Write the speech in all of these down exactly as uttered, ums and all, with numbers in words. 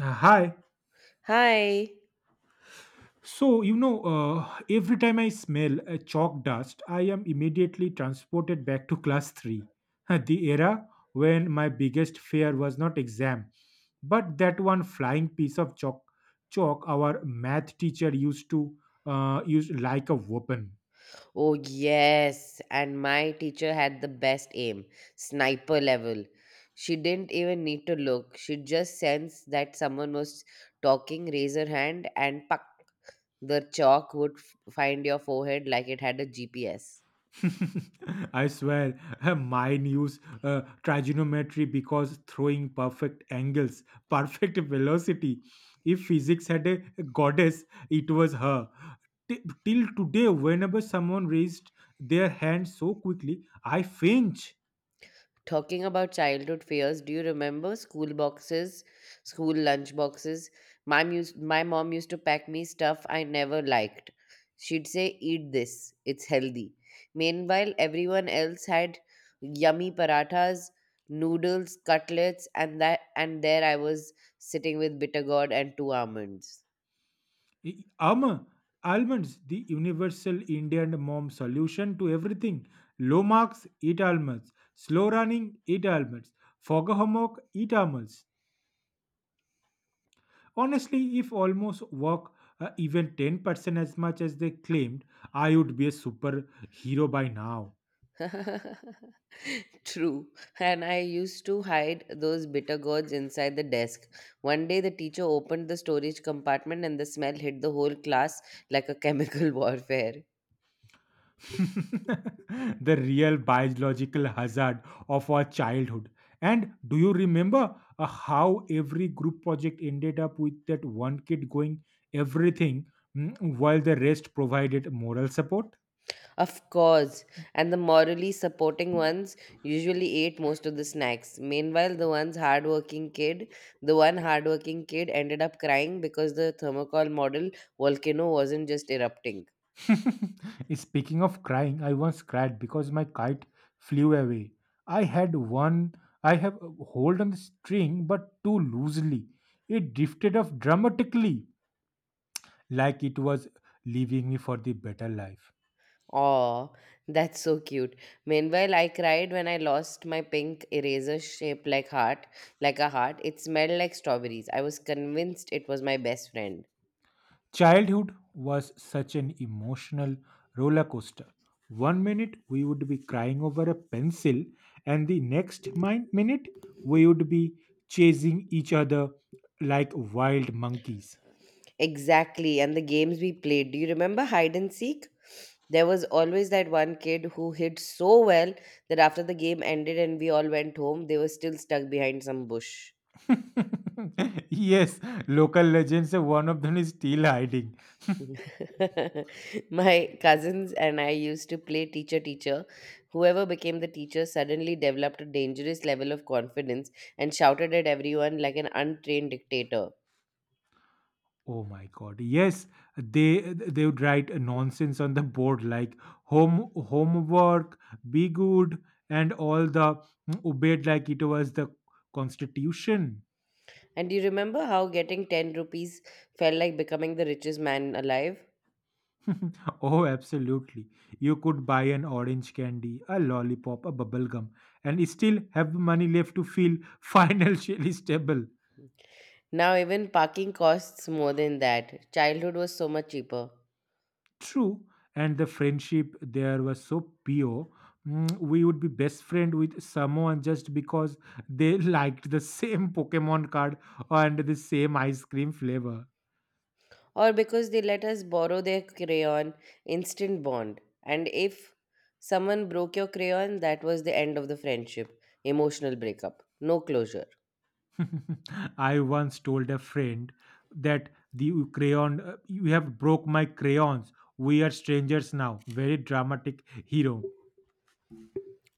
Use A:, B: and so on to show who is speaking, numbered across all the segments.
A: Uh, Hi.
B: Hi.
A: So, you know, uh, every time I smell a chalk dust, I am immediately transported back to class three, the era when my biggest fear was not exam, but that one flying piece of chalk chalk our math teacher used to uh, use like a weapon.
B: Oh, yes, and my teacher had the best aim, sniper level. She didn't even need to look. She just sensed that someone was talking, raise her hand, and puck, the chalk would f- find your forehead like it had a G P S.
A: I swear, mine use uh, trigonometry because throwing perfect angles, perfect velocity. If physics had a goddess, it was her. T- till today, whenever someone raised their hand so quickly, I faint.
B: Talking about childhood fears, do you remember school boxes, school lunch boxes? My, mus- my mom used to pack me stuff I never liked. She'd say, eat this, it's healthy. Meanwhile, everyone else had yummy parathas, noodles, cutlets, and that and there I was sitting with bitter gourd and two almonds.
A: I- Um, Almonds, the universal Indian mom solution to everything. Low marks, eat almonds. Slow running, eat almonds. Fog homework, eat almonds. Honestly, if almost work uh, even ten percent as much as they claimed, I would be a superhero by now.
B: True. And I used to hide those bitter gourds inside the desk. One day, the teacher opened the storage compartment and the smell hit the whole class like a chemical warfare.
A: The real biological hazard of our childhood. And do you remember uh, how every group project ended up with that one kid going everything mm, while the rest provided moral support?
B: Of course. And the morally supporting ones usually ate most of the snacks. Meanwhile, the one's hardworking kid, the one hardworking kid ended up crying because the thermocol model volcano wasn't just erupting.
A: Speaking of crying, I once cried because my kite flew away. I had one, I have a hold on the string, but too loosely. It drifted off dramatically, like it was leaving me for the better life.
B: Aw, that's so cute. Meanwhile, I cried when I lost my pink eraser shaped like heart, like a heart. It smelled like strawberries. I was convinced it was my best friend.
A: Childhood was such an emotional roller coaster. One minute we would be crying over a pencil, and the next min- minute we would be chasing each other like wild monkeys.
B: Exactly, and the games we played. Do you remember hide and seek? There was always that one kid who hid so well that after the game ended and we all went home, they were still stuck behind some bush.
A: Yes, local legends. uh, One of them is still hiding.
B: My cousins and I used to play teacher teacher. Whoever became the teacher suddenly developed a dangerous level of confidence and shouted at everyone like an untrained dictator.
A: Oh my god! Yes, they they would write nonsense on the board like home homework, be good, and all the hmm, obeyed like it was the constitution.
B: And do you remember how getting ten rupees felt like becoming the richest man alive?
A: Oh, absolutely! You could buy an orange candy, a lollipop, a bubble gum, and still have money left to feel financially stable.
B: Now, even parking costs more than that. Childhood was so much cheaper.
A: True, and the friendship there was so pure. Mm, We would be best friend with someone just because they liked the same Pokemon card and the same ice cream flavor.
B: Or because they let us borrow their crayon, instant bond. And if someone broke your crayon, that was the end of the friendship, emotional breakup, no closure.
A: I once told a friend that the crayon, uh, you have broke my crayons. We are strangers now. Very dramatic hero.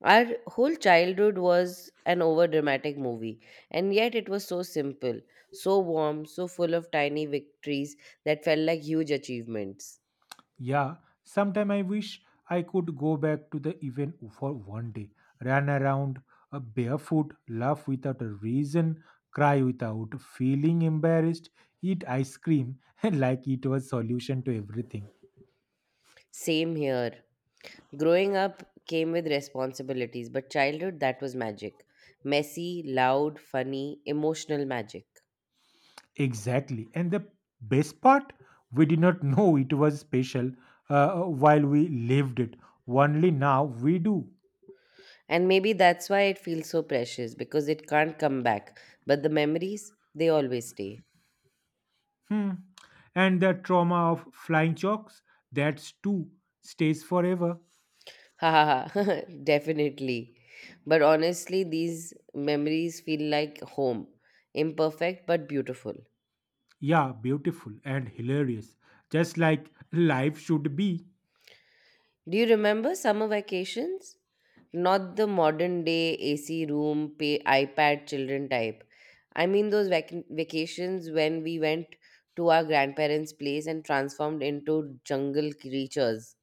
B: Our whole childhood was an over dramatic movie, and yet it was so simple, so warm, so full of tiny victories that felt like huge achievements.
A: Yeah, sometime I wish I could go back to the event for one day, run around uh, barefoot, laugh without a reason, cry without feeling embarrassed, eat ice cream like it was solution to everything.
B: Same here. Growing up came with responsibilities, but childhood, that was magic, messy, loud, funny, emotional magic.
A: Exactly. And the best part, we did not know it was special uh, while we lived it. Only now we do.
B: And maybe that's why it feels so precious, because it can't come back. But the memories, they always stay.
A: Hmm. And the trauma of flying chalks, that's too, stays forever.
B: Ha ha ha, definitely. But honestly, these memories feel like home. Imperfect but beautiful.
A: Yeah, beautiful and hilarious. Just like life should be.
B: Do you remember summer vacations? Not the modern day A C room, pay, iPad, children type. I mean, those vac- vacations when we went to our grandparents' place and transformed into jungle creatures.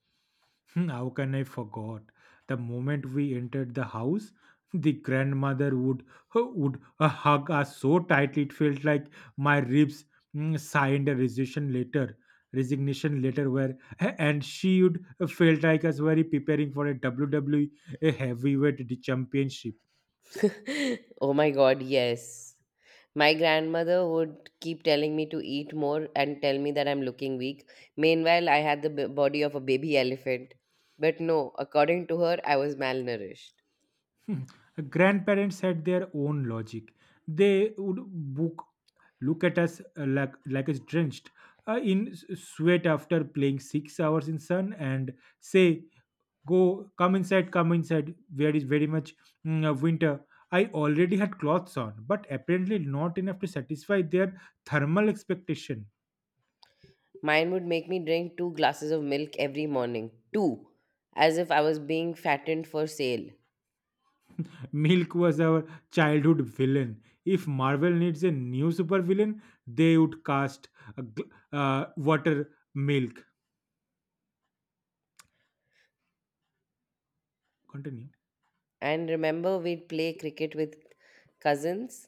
A: Hmm, how can I forget? The moment we entered the house, the grandmother would would uh, hug us so tightly it felt like my ribs mm, signed a resignation letter. Resignation letter where, and she would felt like us very preparing for a W W E heavyweight championship.
B: Oh my God, yes. My grandmother would keep telling me to eat more and tell me that I'm looking weak. Meanwhile, I had the b- body of a baby elephant. But no, according to her, I was malnourished.
A: Hmm. Grandparents had their own logic. They would book, look at us uh, like like us drenched uh, in s- sweat after playing six hours in sun, and say, "Go, come inside, come inside. Where is very much mm, uh, winter." I already had clothes on, but apparently not enough to satisfy their thermal expectation.
B: Mine would make me drink two glasses of milk every morning. Two. As if I was being fattened for sale.
A: Milk was our childhood villain. If Marvel needs a new supervillain, they would cast a gl- uh, water milk. Continue.
B: And remember, we'd play cricket with cousins.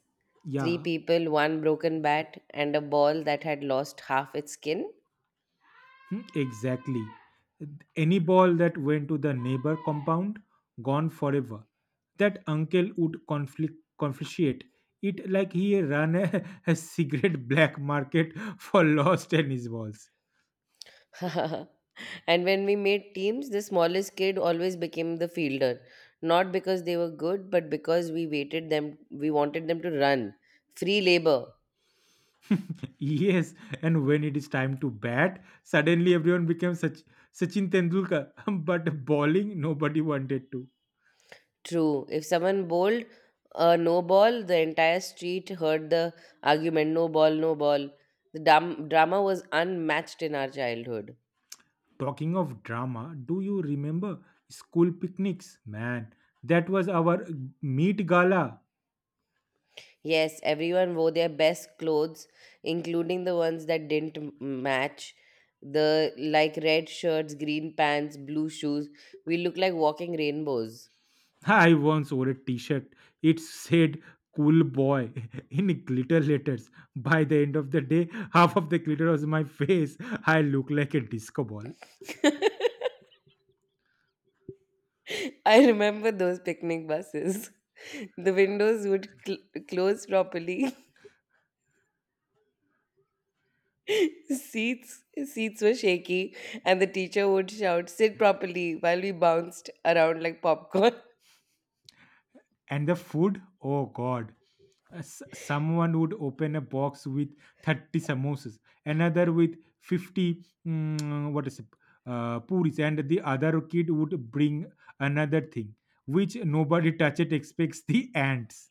B: Three
A: Yeah,
B: people, one broken bat, and a ball that had lost half its skin.
A: hmm, exactly. Any ball that went to the neighbor compound, gone forever. That uncle would conflict, confiscate it like he ran a, a secret black market for lost tennis balls.
B: And when we made teams, the smallest kid always became the fielder, not because they were good, but because we waited them we wanted them to run. Free labor.
A: Yes, and when it is time to bat, suddenly everyone becomes such Sachin Tendulkar. But bowling, nobody wanted to.
B: True. If someone bowled a no ball, the entire street heard the argument, no ball, no ball. The dam- drama was unmatched in our childhood.
A: Talking of drama, do you remember school picnics? Man, that was our meat gala.
B: Yes, everyone wore their best clothes, including the ones that didn't m- match. The like red shirts, green pants, blue shoes. We look like walking rainbows.
A: I once wore a T-shirt. It said "Cool Boy" in glitter letters. By the end of the day, half of the glitter was my face. I looked like a disco ball.
B: I remember those picnic buses. The windows would cl- close properly. seats seats were shaky, and the teacher would shout, "Sit properly!" while we bounced around like popcorn.
A: And the food, oh god. Uh, s- Someone would open a box with thirty samosas, another with fifty, mm, what is it, uh, puris, and the other kid would bring another thing, which nobody touched expects the ants.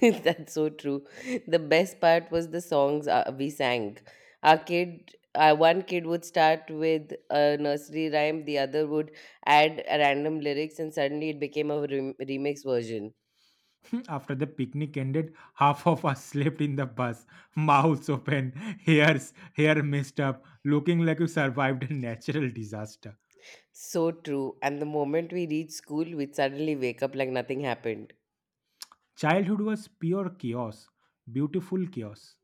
B: That's so true. The best part was the songs uh, we sang. Our kid, uh, one kid would start with a nursery rhyme, the other would add a random lyrics, and suddenly it became a rem- remix version.
A: After the picnic ended, half of us slept in the bus, mouths open, hairs, hair messed up, looking like we survived a natural disaster.
B: So true. And the moment we reach school, we'd suddenly wake up like nothing happened.
A: Childhood was pure chaos, beautiful chaos.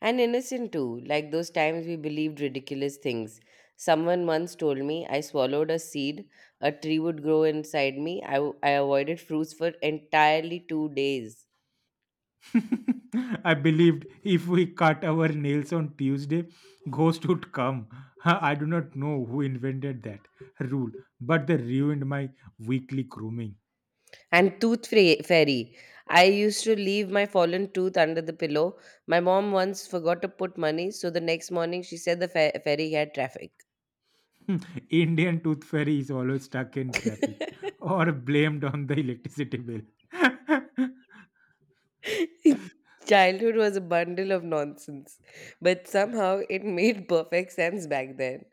B: And innocent too, like those times we believed ridiculous things. Someone once told me I swallowed a seed, a tree would grow inside me. I, w- I avoided fruits for entirely two days.
A: I believed if we cut our nails on Tuesday, ghost would come. I do not know who invented that rule, but they ruined my weekly grooming.
B: And tooth fra- fairy. I used to leave my fallen tooth under the pillow. My mom once forgot to put money, so the next morning she said the fa- ferry had traffic.
A: Indian tooth fairy is always stuck in traffic or blamed on the electricity bill.
B: Childhood was a bundle of nonsense, but somehow it made perfect sense back then.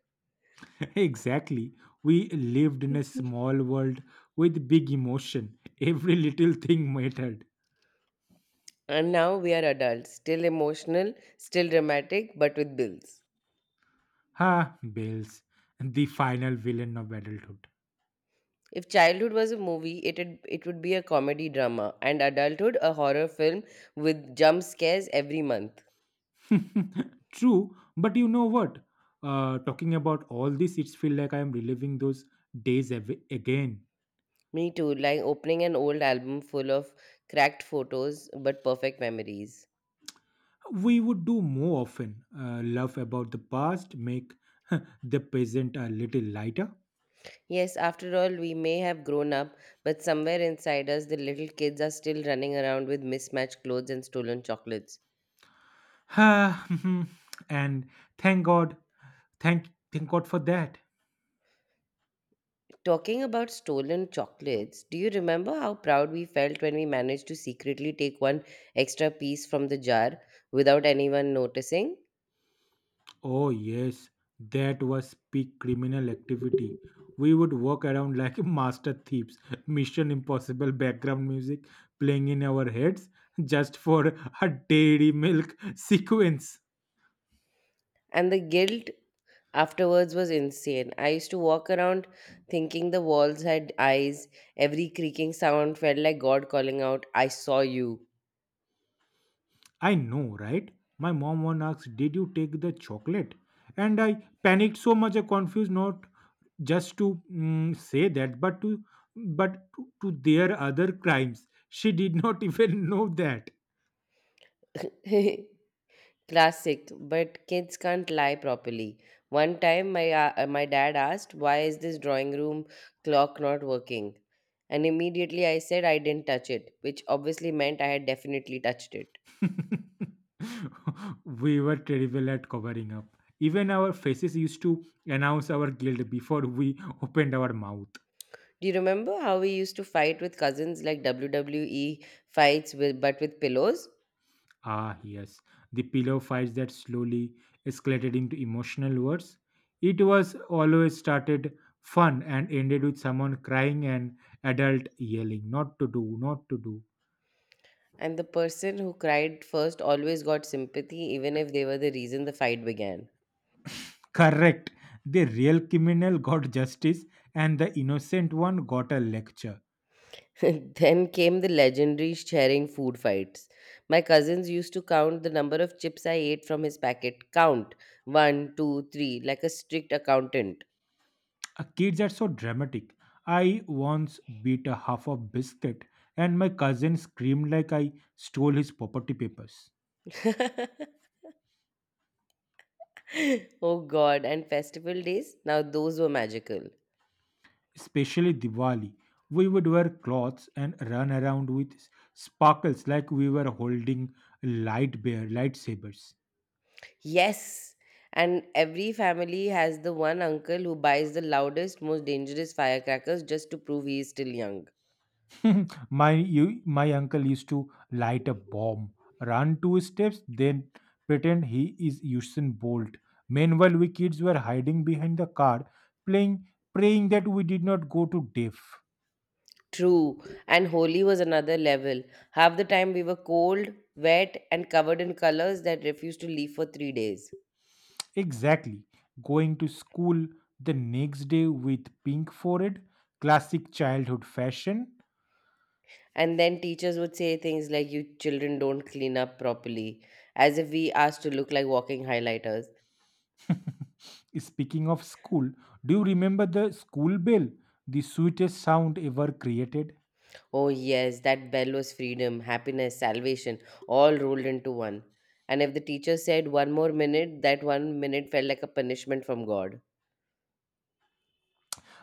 A: Exactly. We lived in a small world with big emotion. Every little thing mattered.
B: And now we are adults, still emotional, still dramatic, but with bills.
A: Ha, bills, the final villain of adulthood.
B: If childhood was a movie, it'd, it would be a comedy drama, and adulthood a horror film with jump scares every month.
A: True, but you know what? Uh, talking about all this, it's feel like I am reliving those days av- again.
B: Me too, like opening an old album full of cracked photos but perfect memories.
A: We would do more often. Uh, laugh about the past, make the present a little lighter.
B: Yes, after all, we may have grown up, but somewhere inside us, the little kids are still running around with mismatched clothes and stolen chocolates.
A: And thank God, thank thank God for that.
B: Talking about stolen chocolates, do you remember how proud we felt when we managed to secretly take one extra piece from the jar without anyone noticing?
A: Oh, yes, that was peak criminal activity. We would walk around like master thieves, Mission Impossible background music playing in our heads just for a dairy milk sequence.
B: And the guilt afterwards was insane. I used to walk around thinking the walls had eyes. Every creaking sound felt like God calling out, I saw you.
A: I know, right? My mom once asked, did you take the chocolate? And I panicked so much, I confused not just to mm, say that, but to but to, to their other crimes. She did not even know that.
B: Classic, but kids can't lie properly. One time, my, uh, uh, my dad asked, why is this drawing room clock not working? And immediately I said I didn't touch it, which obviously meant I had definitely touched it.
A: We were terrible at covering up. Even our faces used to announce our guilt before we opened our mouth.
B: Do you remember how we used to fight with cousins like W W E fights with but with pillows?
A: Ah, yes, the pillow fights that slowly escalated into emotional words. It was always started fun and ended with someone crying and adult yelling, not to do, not to do.
B: And the person who cried first always got sympathy, even if they were the reason the fight began.
A: Correct. The real criminal got justice and the innocent one got a lecture.
B: Then came the legendary sharing food fights. My cousins used to count the number of chips I ate from his packet. Count one, two, three, like a strict accountant.
A: Uh, kids are so dramatic. I once beat a half a biscuit, and my cousin screamed like I stole his property papers.
B: Oh God! And festival days? Now those were magical.
A: Especially Diwali, we would wear cloths and run around with sparkles like we were holding light bear lightsabers.
B: Yes. And every family has the one uncle who buys the loudest, most dangerous firecrackers just to prove he is still young.
A: my you, my uncle used to light a bomb, run two steps, then pretend he is Usain Bolt. Meanwhile, we kids were hiding behind the car, playing, praying that we did not go to death.
B: True. And Holi was another level. Half the time we were cold, wet, and covered in colors that refused to leave for three days.
A: Exactly, going to school the next day with pink forehead, classic childhood fashion.
B: And then teachers would say things like, you children don't clean up properly, as if we asked to look like walking highlighters.
A: Speaking of school, do you remember the school bell, the sweetest sound ever created?
B: Oh, yes, that bell was freedom, happiness, salvation, all rolled into one. And if the teacher said one more minute, that one minute felt like a punishment from God.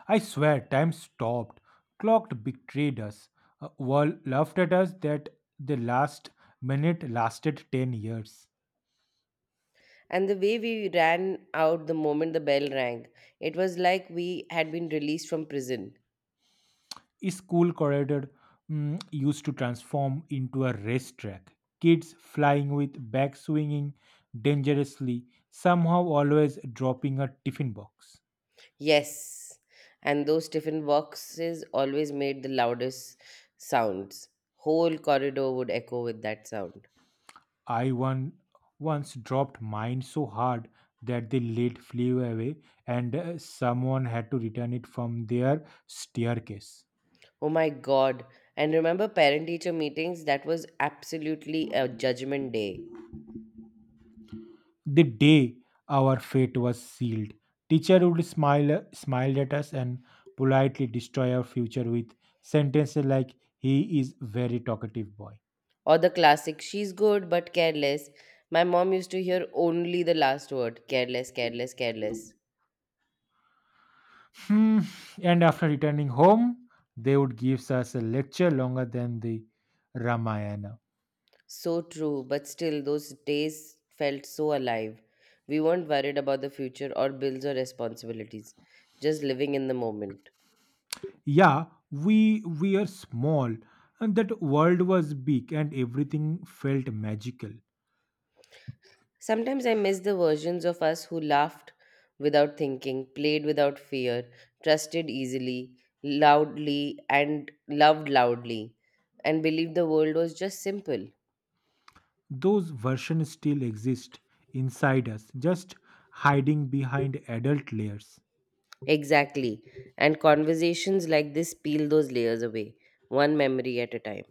A: I swear time stopped. Clocked betrayed us. Uh, Wall laughed at us that the last minute lasted ten years.
B: And the way we ran out the moment the bell rang, it was like we had been released from prison.
A: School corridor mm, used to transform into a racetrack. Kids flying with back swinging dangerously, somehow always dropping a tiffin box.
B: Yes, and those tiffin boxes always made the loudest sounds. Whole corridor would echo with that sound.
A: I one, once dropped mine so hard that the lid flew away and uh, someone had to return it from their staircase.
B: Oh my god. And remember parent teacher meetings? That was absolutely a judgment day.
A: The day our fate was sealed, teacher would smile smile at us and politely destroy our future with sentences like he is very talkative boy.
B: Or the classic, she's good but careless. My mom used to hear only the last word, careless, careless, careless.
A: Hmm. And after returning home, they would give us a lecture longer than the Ramayana.
B: So true, but still, those days felt so alive. We weren't worried about the future or bills or responsibilities, just living in the moment.
A: Yeah, we we are small and that world was big and everything felt magical.
B: Sometimes I miss the versions of us who laughed without thinking, played without fear, trusted easily, loudly, and loved loudly, and believed the world was just simple.
A: Those versions still exist inside us, just hiding behind adult layers.
B: Exactly. And conversations like this peel those layers away, one memory at a time.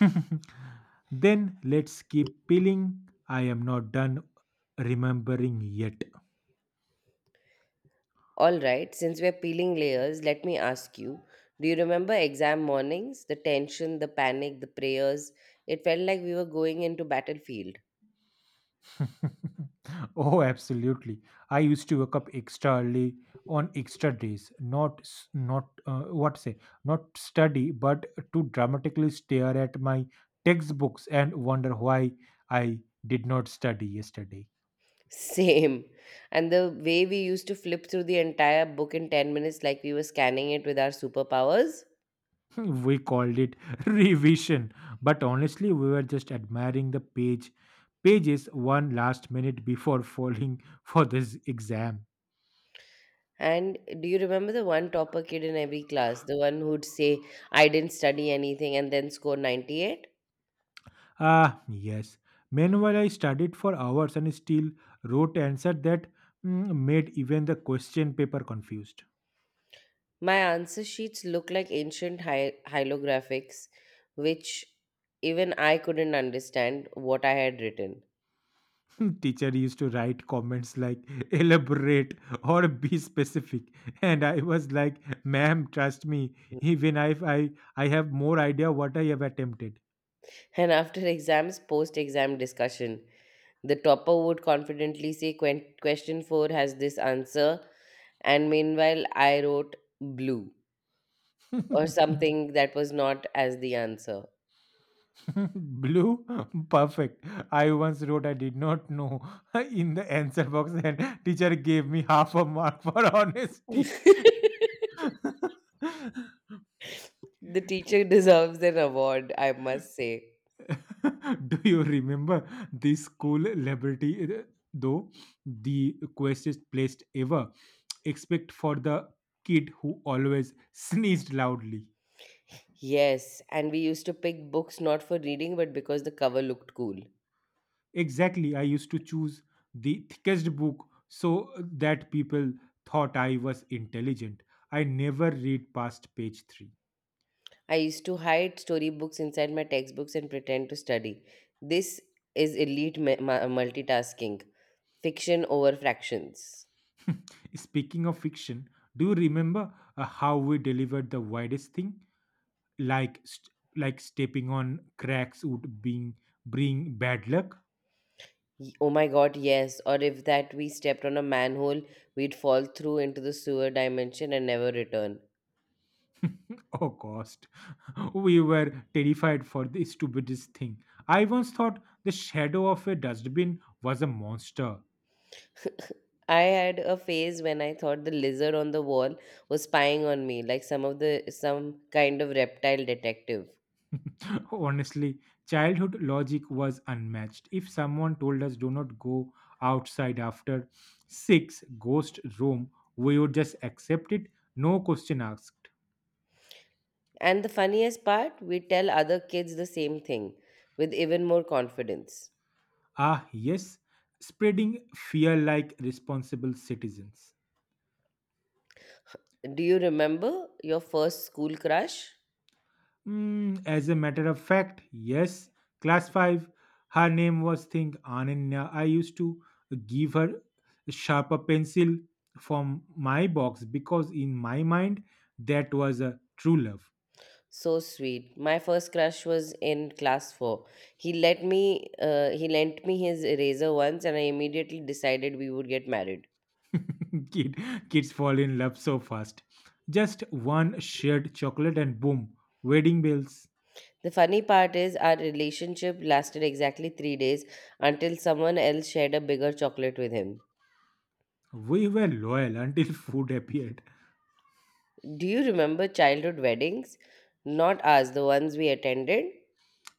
A: Then let's keep peeling. I am not done remembering yet.
B: All right, since we're peeling layers, let me ask you, do you remember exam mornings? The tension, the panic, the prayers? It felt like we were going into battlefield.
A: Oh, absolutely. I used to wake up extra early on extra days, not s- not uh, what say, not study, but to dramatically stare at my textbooks and wonder why I did not study yesterday.
B: Same. And the way we used to flip through the entire book in ten minutes like we were scanning it with our superpowers.
A: We called it revision, but honestly we were just admiring the page pages one last minute before falling for this exam.
B: And do you remember the one topper kid in every class? The one who'd say, I didn't study anything and then score ninety-eight?
A: Ah yes, meanwhile I studied for hours and still wrote answer that mm, made even the question paper confused.
B: My answer sheets look like ancient hi- hieroglyphics, which even I couldn't understand what I had written.
A: Teacher used to write comments like elaborate or be specific, and I was like, ma'am, trust me, even if i i have more idea what I have attempted.
B: And after exams, post exam discussion, the topper would confidently say, "Quen- Question four has this answer." And meanwhile, I wrote blue or something that was not as the answer.
A: Blue? Perfect. I once wrote I did not know in the answer box and teacher gave me half a mark for honesty.
B: The teacher deserves an award, I must say.
A: Do you remember the school liberty uh, though the quickest placed ever except for the kid who always sneezed loudly.
B: Yes, and we used to pick books not for reading but because the cover looked cool.
A: Exactly. I used to choose the thickest book so that people thought I was intelligent. I never read past page three.
B: I used to hide storybooks inside my textbooks and pretend to study. This is elite ma- ma- multitasking, fiction over fractions.
A: Speaking of fiction, do you remember uh, how we delivered the widest thing? Like st- like stepping on cracks would being bring bad luck
B: Y- Oh my god, yes. Or if that we stepped on a manhole, we'd fall through into the sewer dimension and never return.
A: or cost. We were terrified for the stupidest thing. I once thought the shadow of a dustbin was a monster.
B: I had a phase when I thought the lizard on the wall was spying on me, like some of the some kind of reptile detective.
A: Honestly, childhood logic was unmatched. If someone told us, do not go outside after six, ghost room, we would just accept it, no question asked.
B: And the funniest part, we tell other kids the same thing with even more confidence.
A: Ah, yes, spreading fear like responsible citizens.
B: Do you remember your first school crush?
A: Mm, as a matter of fact, yes. Class five, her name was Think Ananya. I used to give her a sharper pencil from my box because in my mind that was a true love.
B: So sweet. My first crush was in class four. He let me uh, he lent me his eraser once and I immediately decided we would get married.
A: Kid, Kids fall in love so fast. Just one shared chocolate and boom, wedding bells.
B: The funny part is our relationship lasted exactly three days until someone else shared a bigger chocolate with him.
A: We were loyal until food appeared.
B: Do you remember childhood weddings? Not ours, the ones we attended.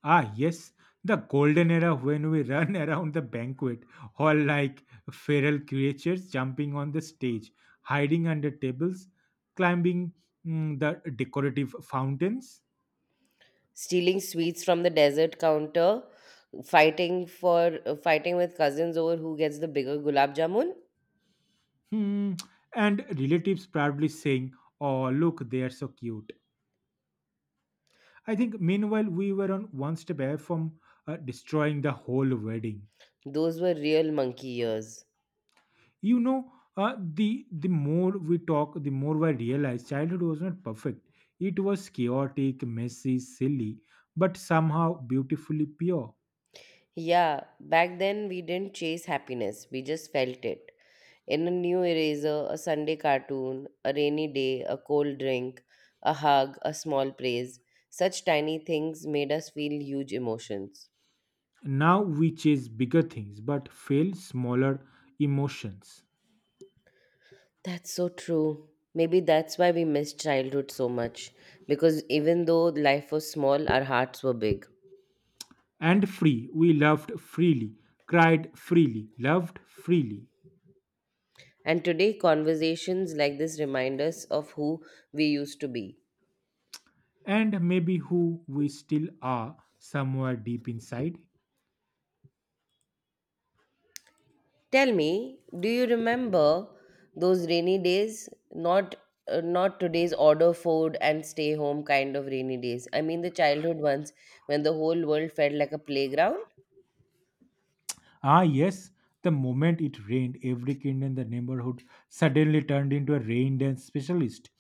A: Ah, yes, the golden era when we run around the banquet hall like feral creatures, jumping on the stage, hiding under tables, climbing mm, the decorative fountains.
B: Stealing sweets from the desert counter, fighting for uh, fighting with cousins over who gets the bigger gulab jamun.
A: Hmm, and relatives proudly saying, "Oh, look, they are so cute." I think meanwhile, we were on one step away from uh, destroying the whole wedding.
B: Those were real monkey years.
A: you know uh, the the more we talk, the more I realize childhood was not perfect. It was chaotic, messy, silly, but somehow beautifully pure.
B: Yeah, back then we didn't chase happiness, we just felt it. In a new eraser, a Sunday cartoon, a rainy day, a cold drink, a hug, a small praise. Such tiny things made us feel huge emotions.
A: Now we chase bigger things but fail smaller emotions.
B: That's so true. Maybe that's why we miss childhood so much. Because even though life was small, our hearts were big.
A: And free, we loved freely, cried freely, loved freely,
B: And today, conversations like this remind us of who we used to be.
A: and maybe who we still are somewhere deep inside.
B: Tell me, do you remember those rainy days? Not uh, not today's order food and stay home kind of rainy days. I mean the childhood ones when the whole world felt like a playground.
A: Ah, yes. The moment it rained, every kid in the neighborhood suddenly turned into a rain dance specialist.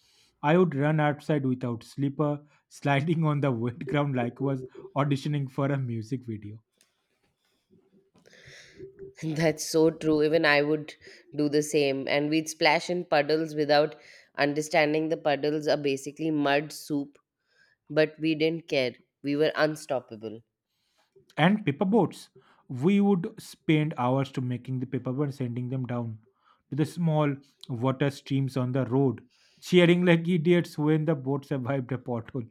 A: I would run outside without slipper, sliding on the wet ground like I was auditioning for a music video.
B: That's so true. Even I would do the same. And we'd splash in puddles without understanding the puddles are basically mud soup, but we didn't care. We were unstoppable
A: And paper boats. We would spend hours to making the paper boats, sending them down to the small water streams on the road, cheering like idiots when the boat survived a pothole.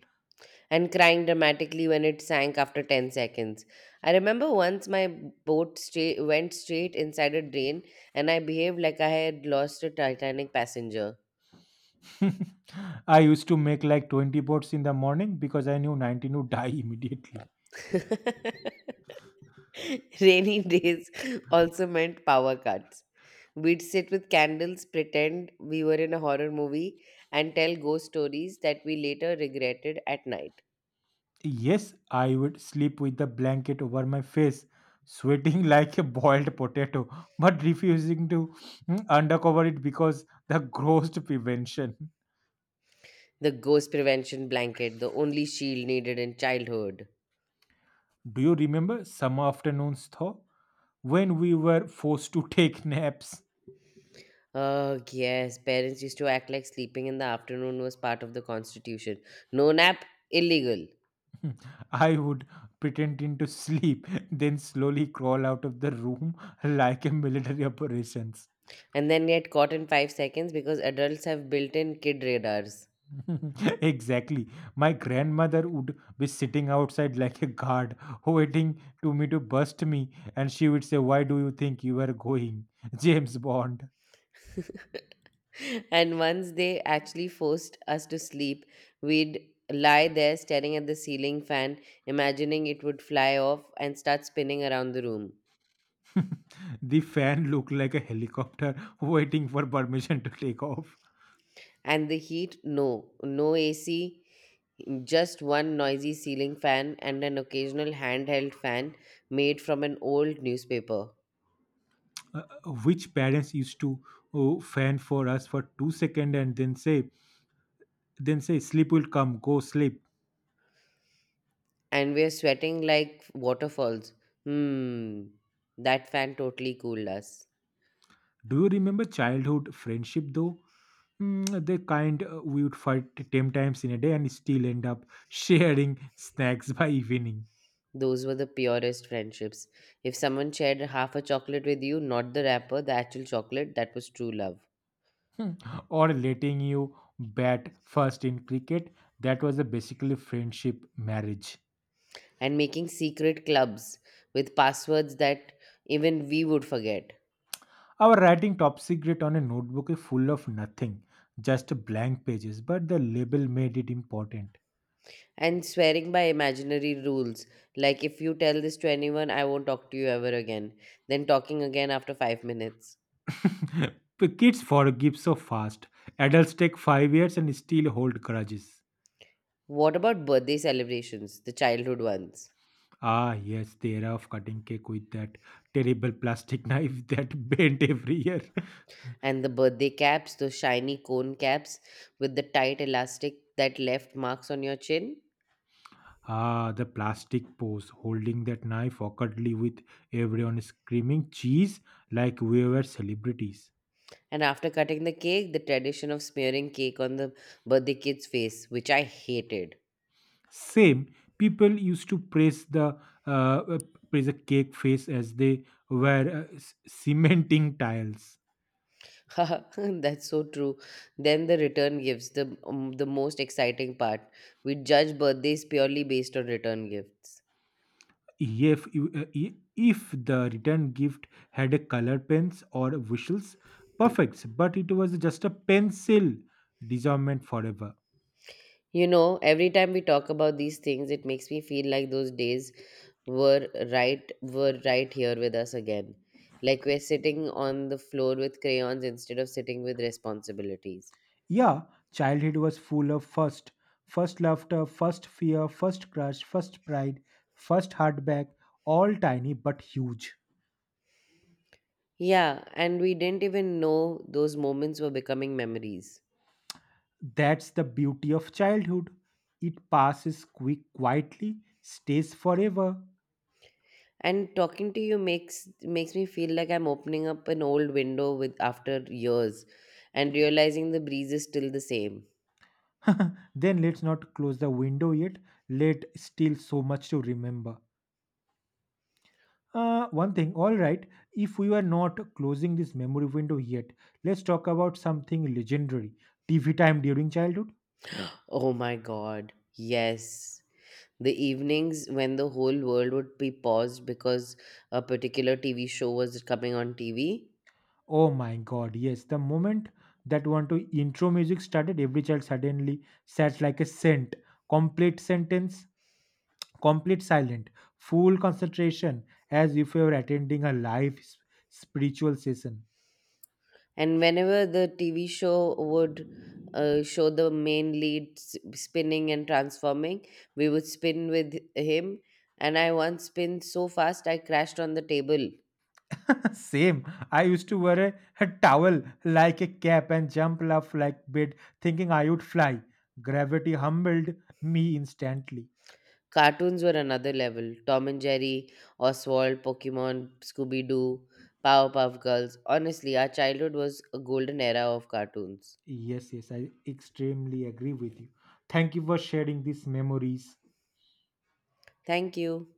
B: and crying dramatically when it sank after ten seconds. I remember once my boat straight, went straight inside a drain and I behaved like I had lost a Titanic passenger.
A: I used to make like twenty bots in the morning because I knew nineteen would die immediately.
B: Rainy days also meant power cuts. We'd sit with candles, pretend we were in a horror movie, and tell ghost stories that we later regretted at night.
A: Yes, I would sleep with the blanket over my face, sweating like a boiled potato, but refusing to mm, undercover it because the gross prevention.
B: The ghost prevention blanket, the only shield needed in childhood.
A: Do you remember summer afternoons though? When we were forced to take naps,
B: Oh, yes, parents used to act like sleeping in the afternoon was part of the constitution. No nap, illegal.
A: I would pretend into sleep, then slowly crawl out of the room like a military operations.
B: And then get caught in five seconds because adults have built in kid radars.
A: Exactly. My grandmother would be sitting outside like a guard, waiting to me to bust me, and she would say, "Why do you think you are going, James Bond?"
B: And once they actually forced us to sleep, we'd lie there staring at the ceiling fan, imagining it would fly off and start spinning around the room.
A: The fan looked like a helicopter waiting for permission to take off.
B: And the heat, no, no A C, just one noisy ceiling fan and an occasional handheld fan made from an old newspaper.
A: Uh, uh, which parents used to uh, fan for us for two seconds and then say, "Then say, sleep will come, go sleep."
B: And we're sweating like waterfalls. Hmm, that fan totally cooled us.
A: Do you remember childhood friendship though? Mm, the kind uh, we would fight ten times in a day and still end up sharing snacks by evening,
B: Those were the purest friendships. If someone shared half a chocolate with you, not the wrapper, the actual chocolate, that was true love.
A: or letting you bat first in cricket. That was a basically friendship marriage.
B: And making secret clubs with passwords that even we would forget.
A: Our writing top secret on a notebook is full of nothing, just blank pages, but the label made it important.
B: And swearing by imaginary rules, like if you tell this to anyone, I won't talk to you ever again. Then talking again after five minutes.
A: The kids forgive so fast. Adults take five years and still hold grudges.
B: What about birthday celebrations, the childhood ones?
A: Ah, yes, the era of cutting cake with that terrible plastic knife that bent every year.
B: And the birthday caps, those shiny cone caps with the tight elastic that left marks on your chin?
A: Ah, the plastic pose holding that knife awkwardly with everyone screaming cheese like we were celebrities.
B: And after cutting the cake, the tradition of smearing cake on the birthday kid's face, which I hated.
A: Same, people used to press the uh, uh, press a cake face as they were uh, c- cementing tiles.
B: That's so true. Then the return gifts, the um, the most exciting part. We judge birthdays purely based on return gifts.
A: If, if if the return gift had a color pens or whistles, perfect. But it was just a pencil disarmament forever.
B: You know, every time we talk about these things, it makes me feel like those days were right were right here with us again. Like we're sitting on the floor with crayons instead of sitting with responsibilities.
A: Yeah, childhood was full of first, first laughter, first fear, first crush, first pride, first heartbreak. All tiny but huge.
B: Yeah, and we didn't even know those moments were becoming memories.
A: That's the beauty of childhood. It passes quick, quietly, stays forever.
B: And talking to you makes makes me feel like I'm opening up an old window with after years and realizing the breeze is still the same.
A: Then let's not close the window yet. Let still so much to remember. Uh, one thing, all right, if we were not closing this memory window yet, let's talk about something legendary: T V time during childhood.
B: Oh my god. Yes. The evenings when the whole world would be paused because a particular T V show was coming on T V.
A: Oh my god, yes, the moment that one to intro music started, every child suddenly sat like a saint, complete sentence, complete silent, full concentration, as if you were attending a live s- spiritual session.
B: And whenever the T V show would uh, show the main lead s- spinning and transforming, we would spin with him. And I once spun so fast I crashed on the table.
A: Same. I used to wear a, a towel like a cap and jump off like bait, thinking I would fly. Gravity humbled me instantly.
B: Cartoons were another level. Tom and Jerry, Oswald, Pokemon, Scooby Doo, Powerpuff Girls. Honestly, our childhood was a golden era of cartoons.
A: Yes, yes, I extremely agree with you. Thank you for sharing these memories.
B: Thank you.